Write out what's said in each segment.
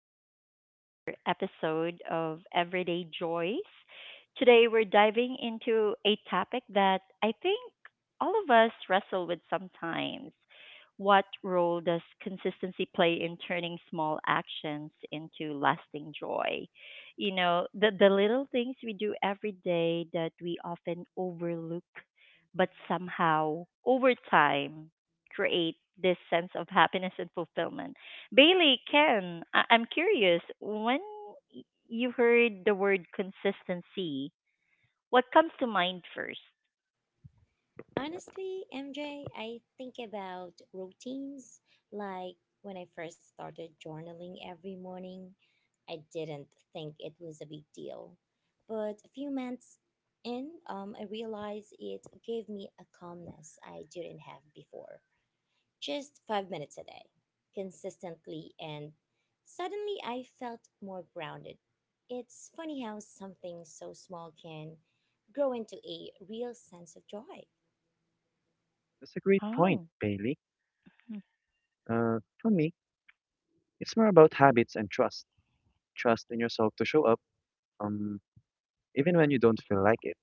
to another episode of Everyday Joys. Today, we're diving into a topic that I think all of us wrestle with sometimes. What role does consistency play in turning small actions into lasting joy? You know, the little things we do every day that we often overlook, but somehow, over time, create this sense of happiness and fulfillment. Bailey, Ken, I'm curious when you heard the word consistency, what comes to mind first? Honestly, MJ, I think about routines, like when I first started journaling every morning. I didn't think it was a big deal. But a few months in, I realized it gave me a calmness I didn't have before. Just 5 minutes a day, consistently, and suddenly I felt more grounded. It's funny how something so small can grow into a real sense of joy. That's a great point, Oh. Bailey. Hmm. For me, it's more about habits and trust. Trust in yourself to show up, um, even when you don't feel like it.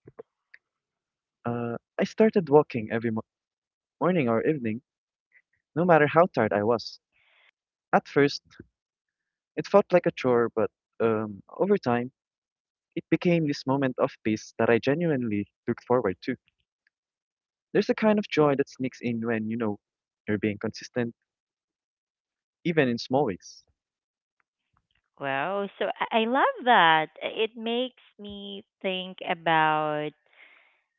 I started walking every morning or evening, no matter how tired I was. At first, it felt like a chore, but over time, it became this moment of peace that I genuinely looked forward to. There's a kind of joy that sneaks in when you know you're being consistent, even in small ways. Wow, so I love that. It makes me think about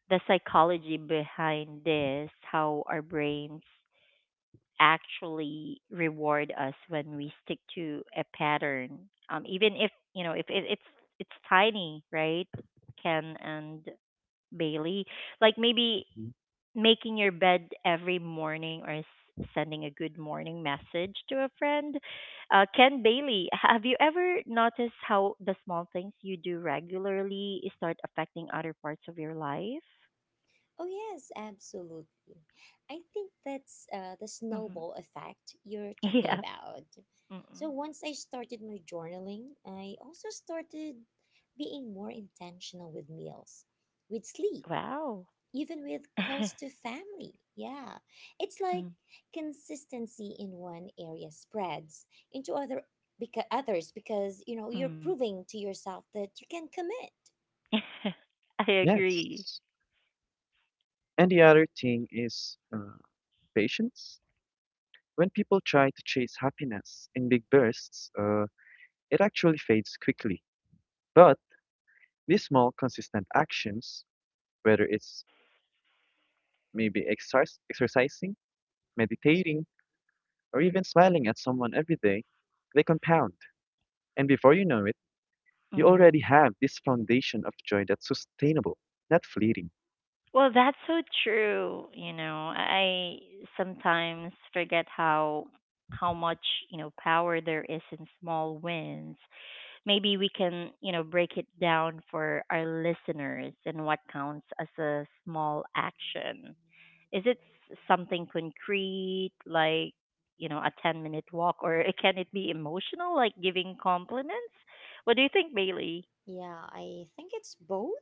the psychology behind this, how our brains actually reward us when we stick to a pattern, even if you know if it's tiny, right, Ken and Bailey? Like maybe Mhm. making your bed every morning or sending a good morning message to a friend. Ken, Bailey, have you ever noticed how the small things you do regularly start affecting other parts of your life? Oh, yes, absolutely. I think that's the Hmm. snowball effect you're talking Yeah. about. So, Mm-mm. once I started my journaling, I also started being more intentional with meals, with sleep, Wow. even with calls to family. Yeah. It's like consistency in one area spreads into other because others because you know you're Mm. proving to yourself that you can commit. I agree. Yes. And the other thing is patience. When people try to chase happiness in big bursts, it actually fades quickly. But these small, consistent actions, whether it's maybe exercising, meditating, or even smiling at someone every day, they compound. And before you know it, you already Mm. have this foundation of joy that's sustainable, not fleeting. Well, that's so true. You know, I sometimes forget how much, you know, power there is in small wins. Maybe we can, you know, break it down for our listeners and what counts as a small action. Is it something concrete like, you know, a 10-minute walk, or can it be emotional like giving compliments? What do you think, Bailey? Yeah, I think it's both.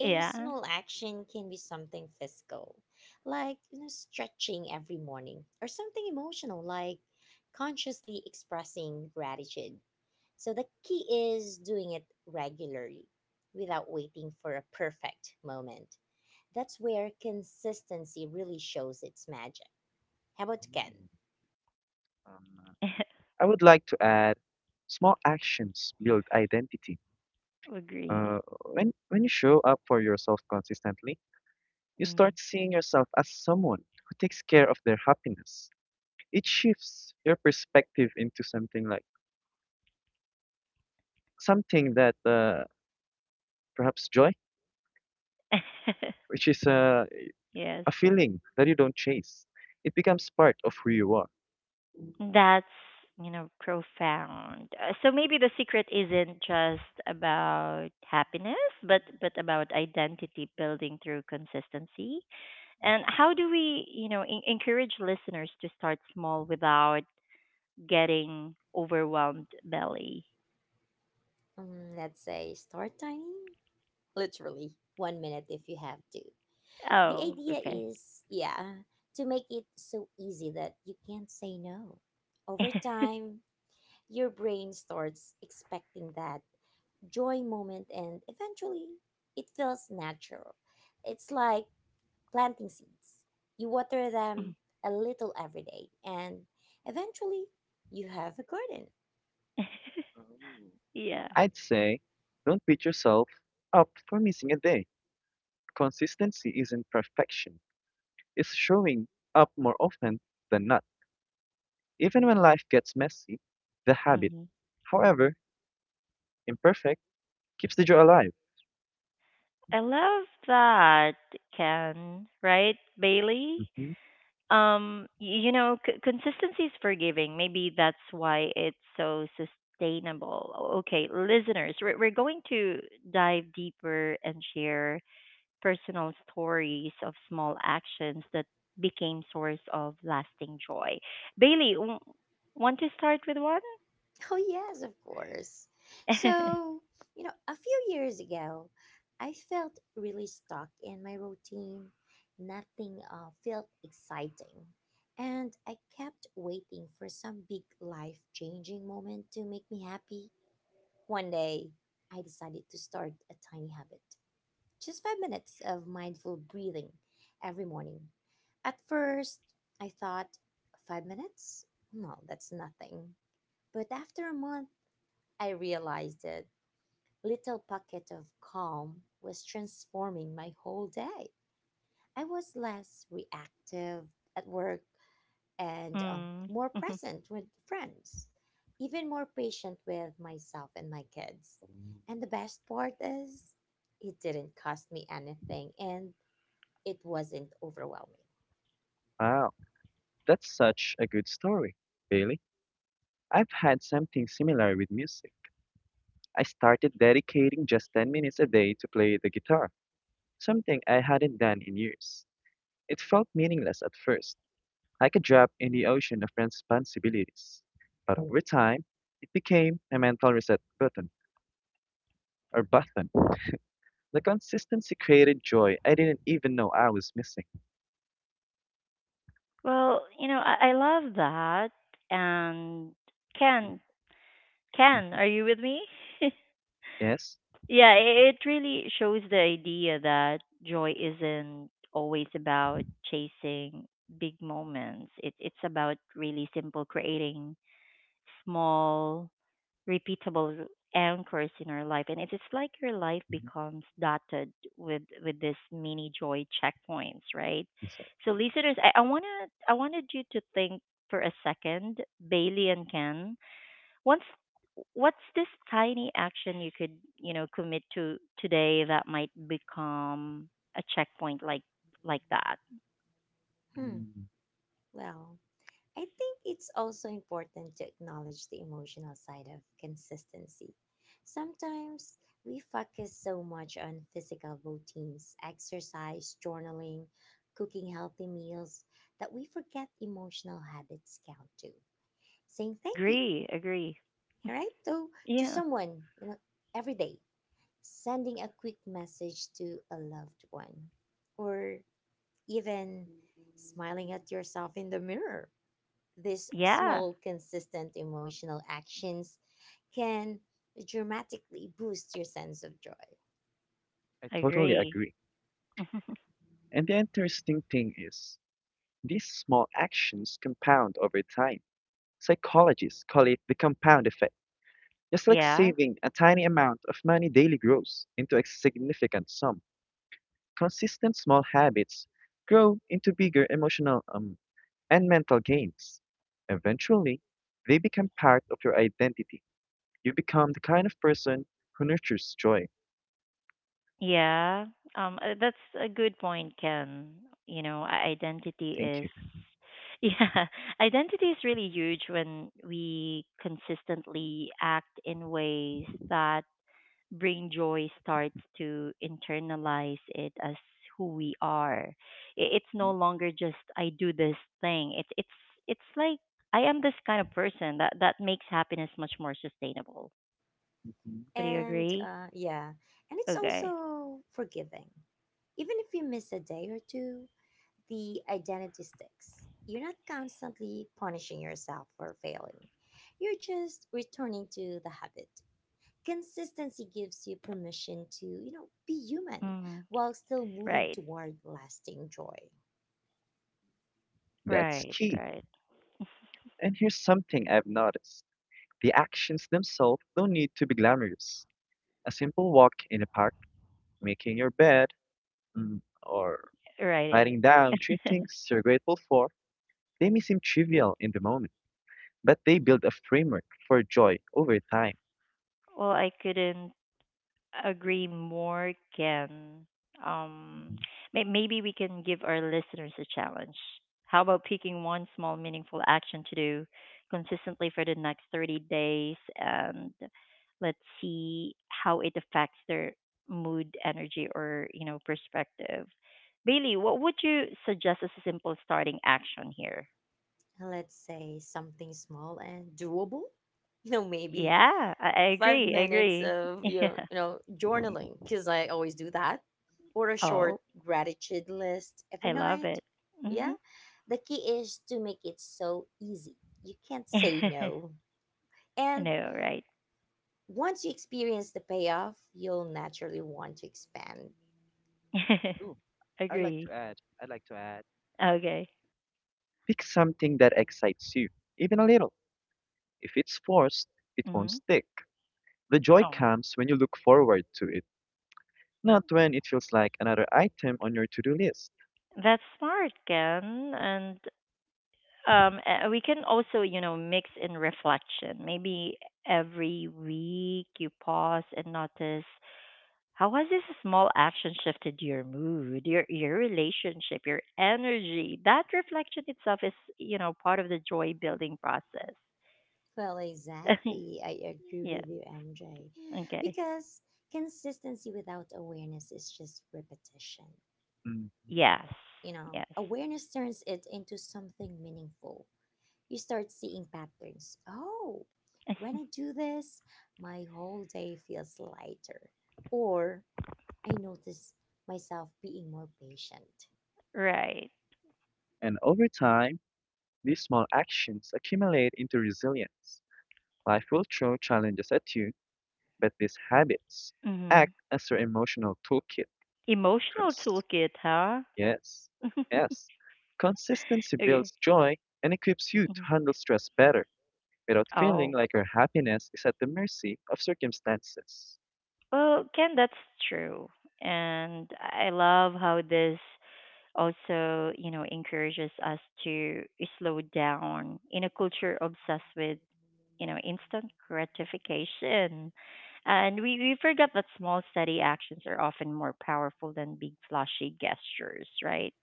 A small action can be something physical, like you know, stretching every morning, or something emotional, like consciously expressing gratitude. So the key is doing it regularly without waiting for a perfect moment. That's where consistency really shows its magic. How about Ken? Ooh, um, I would like to add small actions build identity. Agree. Uh, when you show up for yourself consistently, you Mm. start seeing yourself as someone who takes care of their happiness. It shifts your perspective into something like something that perhaps joy, which is Yes. a feeling that you don't chase. It becomes part of who you are. That's, you know, profound. So maybe the secret isn't just about happiness, but about identity building through consistency. And how do we, you know, encourage listeners to start small without getting overwhelmed, belly? Let's say start tiny, literally, one minute if you have to. The Oh, idea okay. is, yeah, to make it so easy that you can't say no. Over time, your brain starts expecting that joy moment and eventually it feels natural. It's like planting seeds. You water Mm. them a little every day, and eventually you have a garden. Yeah. I'd say don't beat yourself up for missing a day. Consistency isn't perfection, it's showing up more often than not. Even when life gets messy, the habit, Mm-hmm. however imperfect, keeps the joy alive. I love that, Ken, right, Bailey? Hmm. You know, consistency is forgiving. Maybe that's why it's so sustainable. Okay, listeners, we're going to dive deeper and share personal stories of small actions that became source of lasting joy. Bailey, want to start with one? Oh, yes, of course. So, you know, a few years ago, I felt really stuck in my routine. Nothing felt exciting. And I kept waiting for some big life changing moment to make me happy. One day, I decided to start a tiny habit, just 5 minutes of mindful breathing every morning. At first, I thought, 5 minutes? No, that's nothing. But after a month, I realized that little pocket of calm was transforming my whole day. I was less reactive at work and Mm. more present with friends, even more patient with myself and my kids. Mm. And the best part is, it didn't cost me anything and it wasn't overwhelming. Wow, that's such a good story, Bailey. I've had something similar with music. I started dedicating just 10 minutes a day to play the guitar, something I hadn't done in years. It felt meaningless at first, like a drop in the ocean of responsibilities. But over time, it became a mental reset button, or button. The consistency created joy I didn't even know I was missing. Well, you know, I love that. And Ken, Mhm. are you with me? Yes. Yeah, it really shows the idea that joy isn't always about chasing big moments. It's about really simple creating small, repeatable anchors in our life. And it's like your life Mhm. becomes dotted with this mini joy checkpoints, right? Exactly. So listeners, I wanted you to think for a second, Bailey and Ken. What's what's this tiny action you could, you know, commit to today that might become a checkpoint like that? Hmm, Mm, well, I think it's also important to acknowledge the emotional side of consistency. Sometimes we focus so much on physical routines, exercise, journaling, cooking healthy meals, that we forget emotional habits count too. Saying thank you, Agree, agree. all right? To Yeah. someone, you know, every day, sending a quick message to a loved one, or even smiling at yourself in the mirror, these Yeah. small, consistent emotional actions can dramatically boost your sense of joy. I totally Agree. agree. And the interesting thing is, these small actions compound over time. Psychologists call it the compound effect. Just like Yeah. saving a tiny amount of money daily grows into a significant sum, consistent small habits grow into bigger emotional and mental gains. Eventually, they become part of your identity. You become the kind of person who nurtures joy. Yeah. That's a good point, Ken. You know, identity Thank is. you. Yeah, identity is really huge. When we consistently act in ways that bring joy, starts to internalize it as who we are. It's no longer just I do this thing. It's like I am this kind of person that makes happiness much more sustainable. Mhm. Would you And agree? Yeah, and it's Okay. also forgiving. Even if you miss a day or two, the identity sticks. You're not constantly punishing yourself for failing. You're just returning to the habit. Consistency gives you permission to, you know, be human Mm, while still moving right. toward lasting joy. That's Right. key. Right. And here's something I've noticed the actions themselves don't need to be glamorous. A simple walk in a park, making your bed, or Right. writing down three things you're grateful for, they may seem trivial in the moment, but they build a framework for joy over time. Well, I couldn't agree more, Can. Um, maybe we can give our listeners a challenge. How about picking one small, meaningful action to do consistently for the next 30 days, and let's see how it affects their mood, energy, or, you know, perspective. Bailey, what would you suggest as a simple starting action here? Let's say something small and doable, you know, maybe Yeah, I five agree. I minutes agree. of Yeah. You know journaling because I always do that, or a short Oh, gratitude list every I love night. it. Yeah, Hmm. the key is to make it so easy you can't say no, I and know, right? once you experience the payoff, you'll naturally want to expand. Ooh, I'd like Agree. to add, I'd like to add, Okay. pick something that excites you, even a little. If it's forced, it won't Hmm. stick. The joy Oh, comes when you look forward to it, not when it feels like another item on your to do list. that's smart, Ken. And we can also, you know, mix in reflection. Maybe every week you pause and notice how has this small action shifted your mood, your relationship, your energy. That reflection itself is, you know, part of the joy building process. Well, exactly. I agree Yeah. with you, MJ. Okay. Because consistency without awareness is just repetition. Mm. Yes. You know, Yes. awareness turns it into something meaningful. You start seeing patterns. Oh, when I do this, my whole day feels lighter. Or I notice myself being more patient. Right. And over time, these small actions accumulate into resilience. Life will throw challenges at you, but these habits Mm-hmm. act as your emotional toolkit. Emotional Cons- toolkit, huh? yes, yes. Consistency Okay. builds joy and equips you Mhm. to handle stress better without feeling Oh, like your happiness is at the mercy of circumstances. well, Ken, that's true. And I love how this also, you know, encourages us to slow down in a culture obsessed with, you know, instant gratification. And we forget that small, steady actions are often more powerful than big, flashy gestures, right?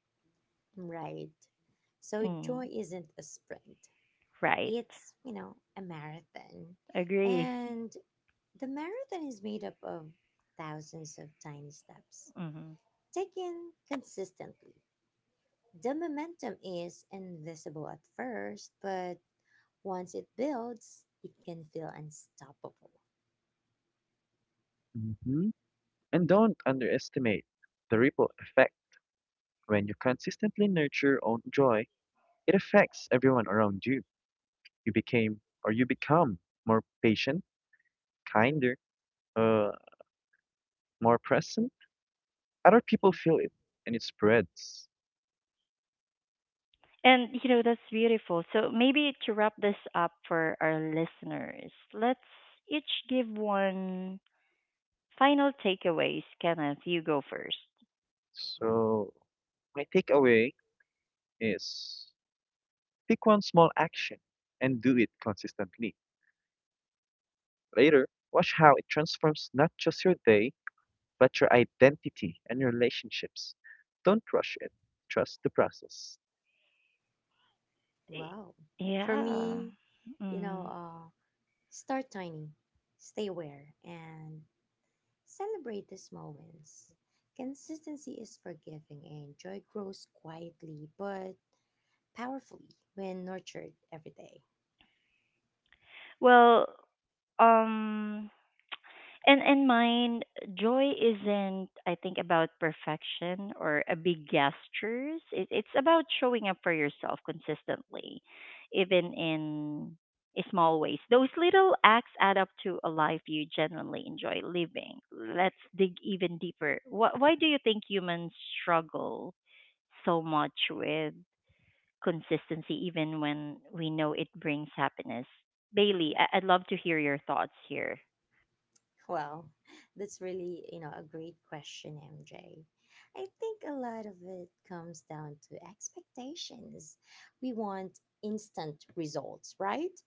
Right? So Mm, joy isn't a sprint. right. It's, you know, a marathon. Agree. And the marathon is made up of thousands of tiny steps Hmm. taken consistently. The momentum is invisible at first, but once it builds, it can feel unstoppable. Hmm. And don't underestimate the ripple effect. When you consistently nurture your own joy, it affects everyone around you. You became or you become more patient, kinder, uh, more present, other people feel it and it spreads. And you know, that's beautiful. So maybe to wrap this up for our listeners, let's each give one final takeaways. Kenneth, you go first. So my takeaway is pick one small action and do it consistently. Later, watch how it transforms not just your day, but your identity and your relationships. Don't rush it. Trust the process. Y- Wow. For Yeah. me, you know, Mm. Start tiny, stay aware, and celebrate the small wins. Consistency is forgiving and joy grows quietly, but powerfully when nurtured every day. Well, um, and in mind, joy isn't, I think, about perfection or a big gestures. It's about showing up for yourself consistently, even in small ways. Those little acts add up to a life you genuinely enjoy living. Let's dig even deeper. Why do you think humans struggle so much with consistency, even when we know it brings happiness? Bailey, I'd love to hear your thoughts here. Well, that's really, you know, a great question, MJ. I think a lot of it comes down to expectations. We want instant results, right?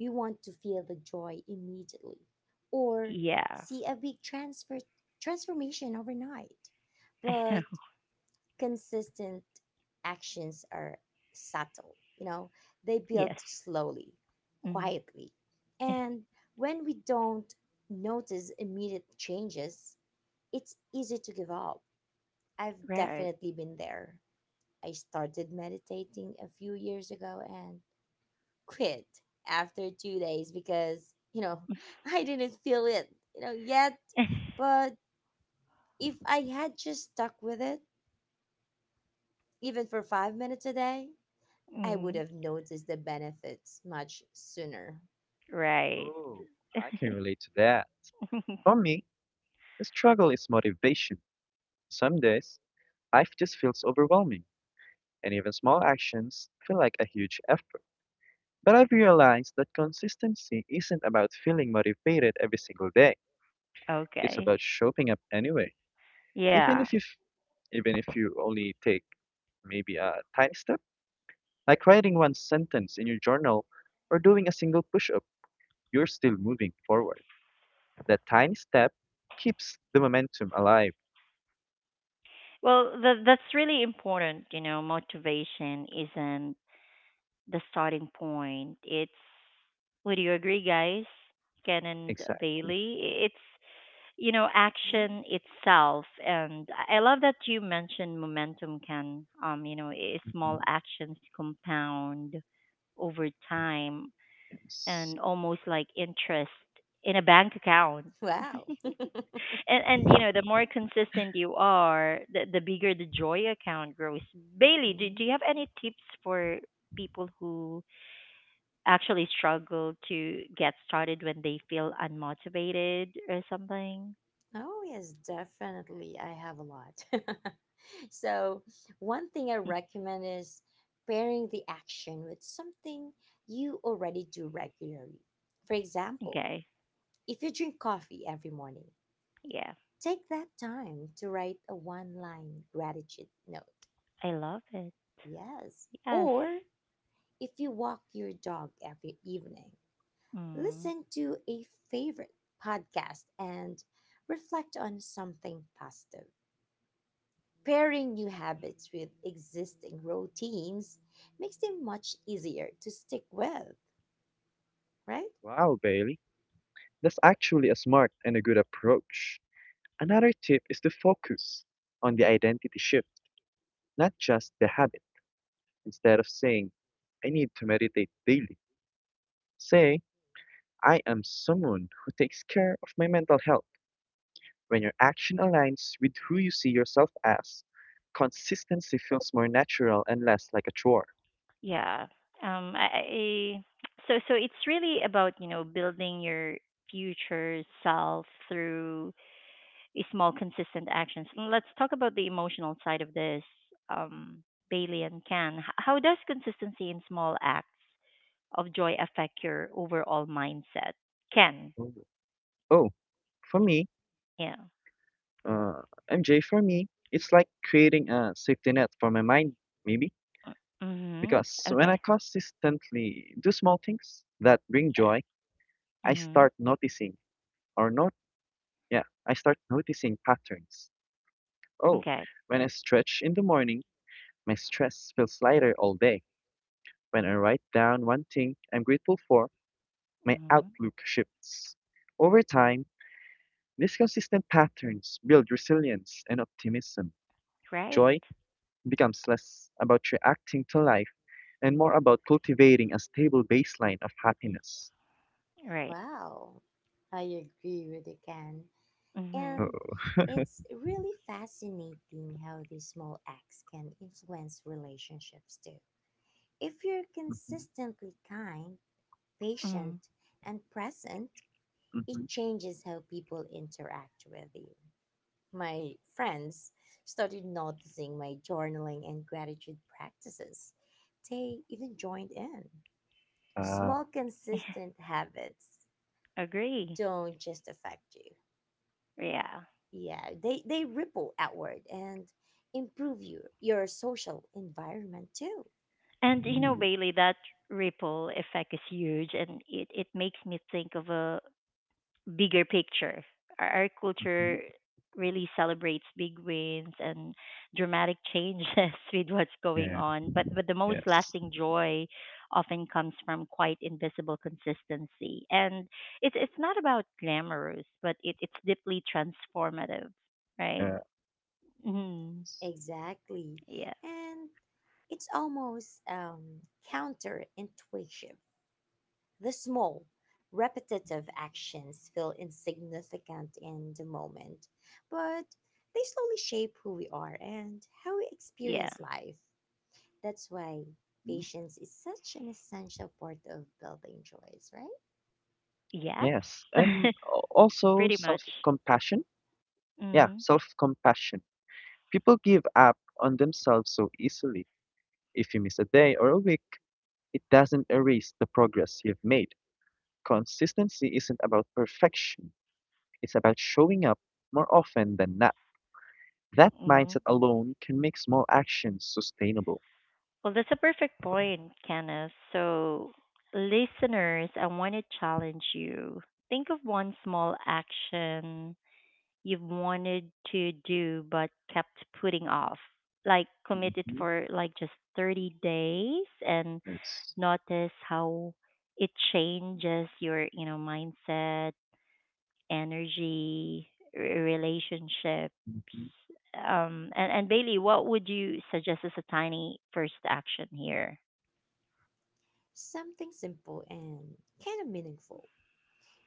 We want to feel the joy immediately or Yeah. see a big transfer transformation overnight. I know. But consistent actions are subtle, you know, they build Yes. slowly, Mm. quietly. And when we don't notice immediate changes, it's easy to give up. I've Right. definitely been there. I started meditating a few years ago and quit after 2 days because, you know, I didn't feel it, you know, yet. But if I had just stuck with it, even for 5 minutes a day, I would Mm. have noticed the benefits much sooner. Right. Oh, I can relate to that. For me, the struggle is motivation. Some days, life just feels overwhelming, and even small actions feel like a huge effort. But I've realized that consistency isn't about feeling motivated every single day. It's Okay. about showing up anyway, even Yeah. if even if you only take maybe a tiny step, like writing one sentence in your journal or doing a single push-up. You're still moving forward. That tiny step keeps the momentum alive. Well, that's really important. You know, motivation isn't the starting point. It's, would you agree, guys? Ken and Exactly. Bailey? It's, you know, Yeah. action itself. And I love that you mentioned momentum, Ken. You know, small Mhm. actions compound over time, Yes. and almost like interest in a bank account. Wow. And you know, the more consistent you are, the bigger the joy account grows. Bailey, do Mhm. you have any tips for people who actually struggle to get started when they feel unmotivated or something? Oh, yes, definitely. I have a lot. So, one thing I recommend is pairing the action with something you already do regularly. For example, Okay. if you drink coffee every morning, Yeah. take that time to write a one line gratitude note. I love it. Yes. Yes. Or if you walk your dog every evening, Mm. listen to a favorite podcast and reflect on something positive. Pairing new habits with existing routines makes them much easier to stick with, right? Wow, Bailey. That's actually a smart and a good approach. Another tip is to focus on the identity shift, not just the habit. Instead of saying, I need to meditate daily, say, I am someone who takes care of my mental health. When your action aligns with who you see yourself as, consistency feels more natural and less like a chore. Yeah. I So it's really about, you know, building your future self through small consistent actions. And let's talk about the emotional side of this, um, Bailey and Can. How does consistency in small acts of joy affect your overall mindset? Can, Ooh. Oh, for me, yeah. uh, MJ, for me, it's like creating a safety net for my mind, maybe. Mm-hmm. Because when I Okay. consistently do small things that bring Yeah. joy, I Mm-hmm. start noticing or not, yeah, I start noticing patterns. Oh, Okay. when I stretch in the morning, my stress feels lighter all day. When I write down one thing I'm grateful for, my Mm-hmm. outlook shifts. Over time, these consistent patterns build resilience and optimism. Right. Joy becomes less about reacting to life and more about cultivating a stable baseline of happiness. Right. Wow, I agree with you, Ken. Mm-hmm. Oh, And it's really fascinating how these small acts can influence relationships too. If you're mhm, consistently kind, Mm-hmm. patient, and present, it mhm. changes how people interact with you. My friends started noticing my journaling and gratitude practices. They even joined in. Ah, Small, consistent habits Agree. don't just affect you. Yeah. Yeah, they ripple outward and improve you, your social environment too. And you know, mm, Bailey, that ripple effect is huge, and it makes me think of a bigger picture. Our, mhm. culture really celebrates big wins and dramatic changes with what's going Yeah. on, but the most Yes. lasting joy often comes from quite invisible consistency. And it's not about glamorous, but it's deeply transformative, right? Yeah. Mm, Exactly. yeah, And it's almost counterintuitive. The small, repetitive actions feel insignificant in the moment, but they slowly shape who we are and how we yeah, experience life. That's why patience is such an essential part of building joys, right? yes. Yes, and also Pretty much. self-compassion. Yeah, Mm-hmm. self-compassion. People give up on themselves so easily. If you miss a day or a week, it doesn't erase the progress you've made. Consistency isn't about perfection. It's about showing up more often than not. That Mm-hmm. mindset alone can make small actions sustainable. Well, that's a perfect point, Kenneth. So, listeners, I want to challenge you. Think of one small action you've wanted to do but kept putting off. Like, commit it Hmm. for like just 30 days, and Yes. notice how it changes your, you know, mindset, energy, relationships. Hmm. And Bailey, what would you suggest as a tiny first action here? Something simple and kind of meaningful.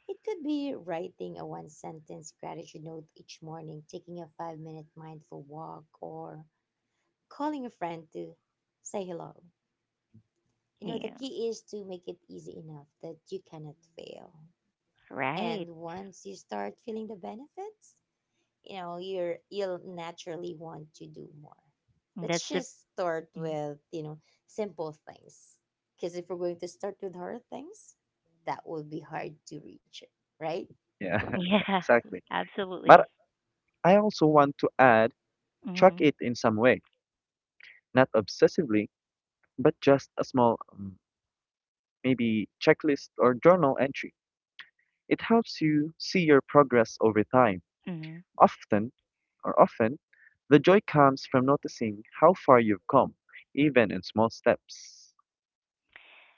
It could be writing a one sentence gratitude note each morning, taking a 5 minute mindful walk, or calling a friend to say hello. You know, the Yeah, key is to make it easy enough that you cannot fail. And right. once you start feeling the benefits, you know, you'll naturally want to do more. Let's That's the. just start Mm. with, you know, simple things. Cuz if we're going to start with hard things, that will be hard to reach it, right? Yeah, Yeah. exactly. But Absolutely. I also want to add, Hmm. track it in some way, not obsessively, but just a small, maybe checklist or journal entry. It helps you see your progress over time. Hmm. Often, often, the joy comes from noticing how far you've come, even in small steps.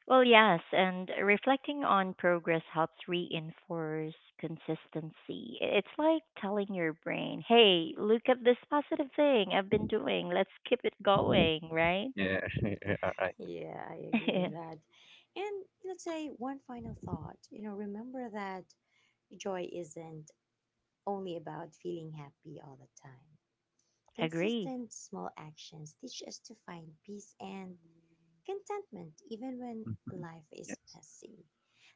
Well, yes, and reflecting on progress helps reinforce consistency. It's like telling your brain, "Hey, look at this positive thing I've been doing. Let's keep it going." Right? Yeah, all right. Yeah, I agree with that. And let's say one final thought. You know, remember that joy isn't only about feeling happy all the time. Agree. Consistent small actions teach us to find peace and contentment even when Mhm. life is Yes, messy.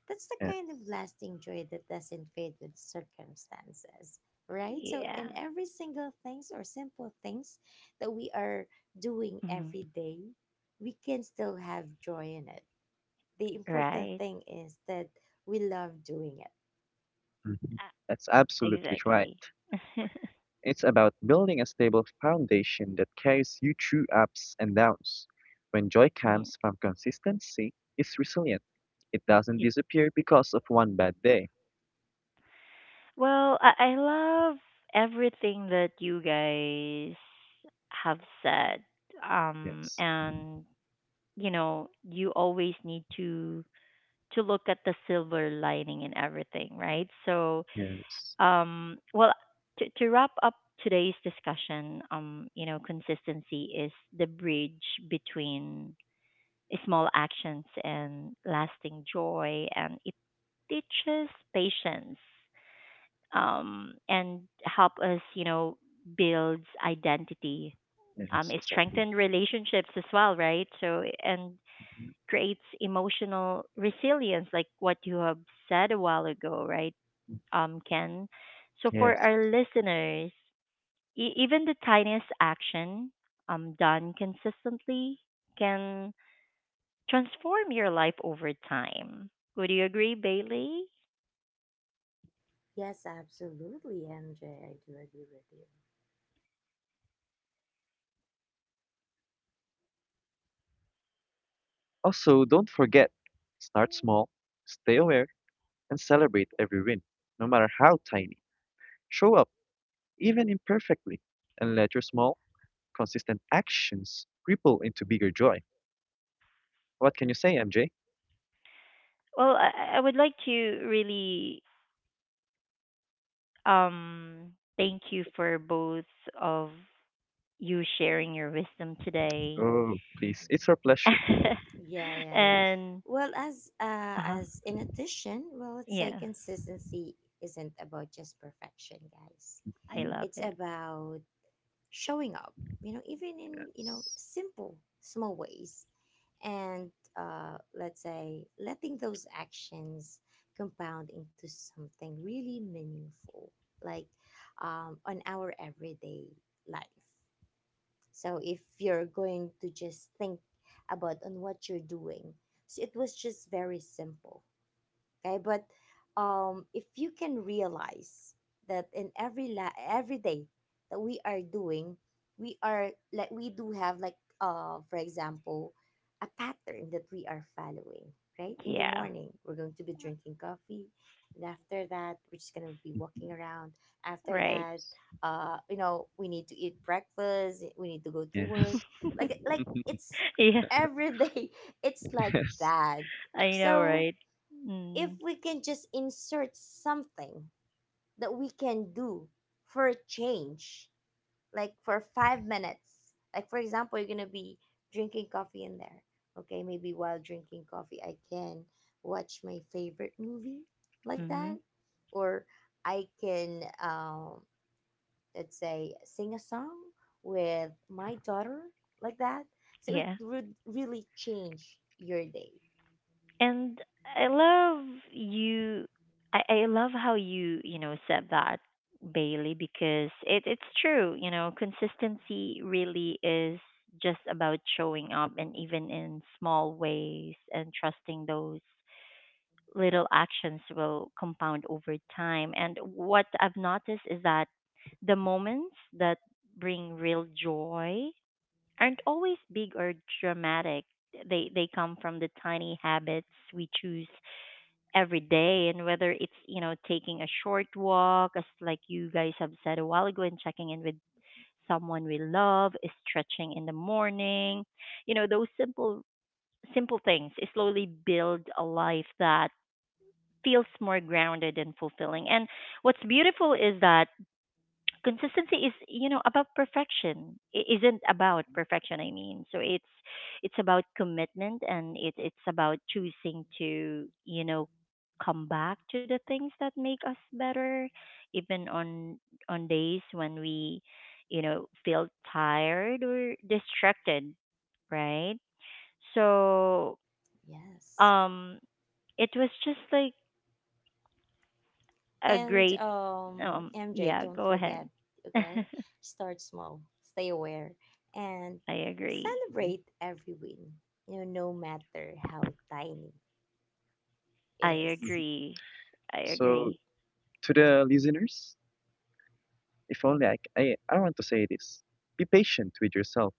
That's the kind of yes. lasting joy that doesn't fade with circumstances, right? So, Yeah. in every single things or simple things that we are doing Hmm. every day, we can still have joy in it. The important Right. thing is that we love doing it. Mhm. Uh, That's absolutely right. Exactly. It's about building a stable foundation that carries you through ups and downs. When joy Yeah. comes from consistency, it's resilient. It doesn't It. disappear because of one bad day. Well, I love everything that you guys have said. Yes, And you know, you always need to look at the silver lining in everything, right? So, yes, well, to wrap up today's discussion, you know, consistency is the bridge between small actions and lasting joy, and it teaches patience, and help us, you know, build identity. Yes, It exactly. strengthens relationships as well, right? So, and creates emotional resilience, like what you have said a while ago, right, Mhm. Ken? So for Yes, our listeners, even the tiniest action, done consistently can transform your life over time. Would you agree, Bailey? Yes, absolutely, MJ. I do agree with you. also, don't forget, start small, stay aware, and celebrate every win, no matter how tiny. Show up, even imperfectly, and let your small, consistent actions ripple into bigger joy. What can you say, MJ? Well, I would like to really, thank you for both of you sharing your wisdom today. Oh, please. Mm. It's our pleasure. Yeah, yeah, yeah. And Well, as uh, uh as in addition, well, let's say yeah, consistency isn't about just perfection, guys. I Mhm. love It's it. about showing up, you know, even in, you know, Yes. simple small ways, and let's say letting those actions compound into something really meaningful, like on our everyday life. So if you're going to just think about on what you're doing, so it was just very simple, okay, but if you can realize that in every every day that we are doing, we are like we do have like for example a pattern that we are following, right? In the Yeah, morning we're going to be drinking coffee, and after that we're just going to be walking around, after right. that you know we need to eat breakfast, we need to go to work, Yes. like it's Yeah, every day it's like Yes. that. I know, So right? if Mm-hmm. we can just insert something that we can do for a change, like for 5 minutes, like for example, you're gonna be drinking coffee in there. Okay, maybe while drinking coffee, I can watch my favorite movie, like that, Mm-hmm. or I can, let's say, sing a song with my daughter, like that. So it Yeah. would really change your day. And I love you. I love how you, you know, said that, Bailey, because it's true. You know, consistency really is just about showing up, and even in small ways, and trusting those little actions will compound over time. And what I've noticed is that the moments that bring real joy aren't always big or dramatic. They come from the tiny habits we choose every day, and whether it's, you know, taking a short walk, as like you guys have said a while ago, and checking in with someone we love, stretching in the morning. You know, those simple things slowly build a life that feels more grounded and fulfilling. And what's beautiful is that consistency is, you know, about perfection. It isn't about perfection, I mean. So it's about commitment, and it's about choosing to, you know, come back to the things that make us better, even on days when we, you know, feel tired or distracted, right? So, Yes. um it was just like a And great, MJ, yeah, don't go ahead. forget, I okay? Start small, stay aware, and agree. Mhm, celebrate every win, you know, no matter how tiny it I is. mhm. agree. I So agree. to the listeners, if only I, c- I want to say this. Be patient with yourself.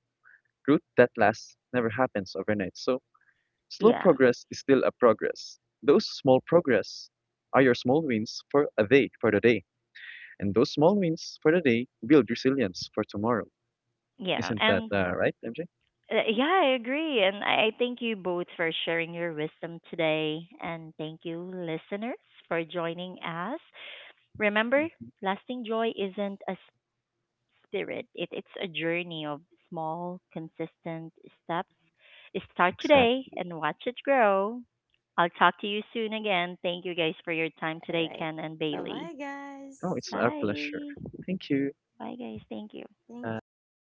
Growth that lasts never happens overnight. So slow Yeah. progress is still a progress. Those small progress are your small wins for a day for the day. And those small wins for the day build resilience for tomorrow. Yeah. Isn't that And right, MJ? Yeah, I agree. And I thank you both for sharing your wisdom today. And thank you, listeners, for joining us. Remember, lasting joy isn't a spirit, it's a journey of small, consistent steps. Start Exact. today and watch it grow. I'll talk to you soon again. Thank you guys for your time All today, right. Ken and Bye Bailey. bye, guys. Oh, it's our pleasure. Bye. Thank you. Bye, guys. Thank you. Thank Bye.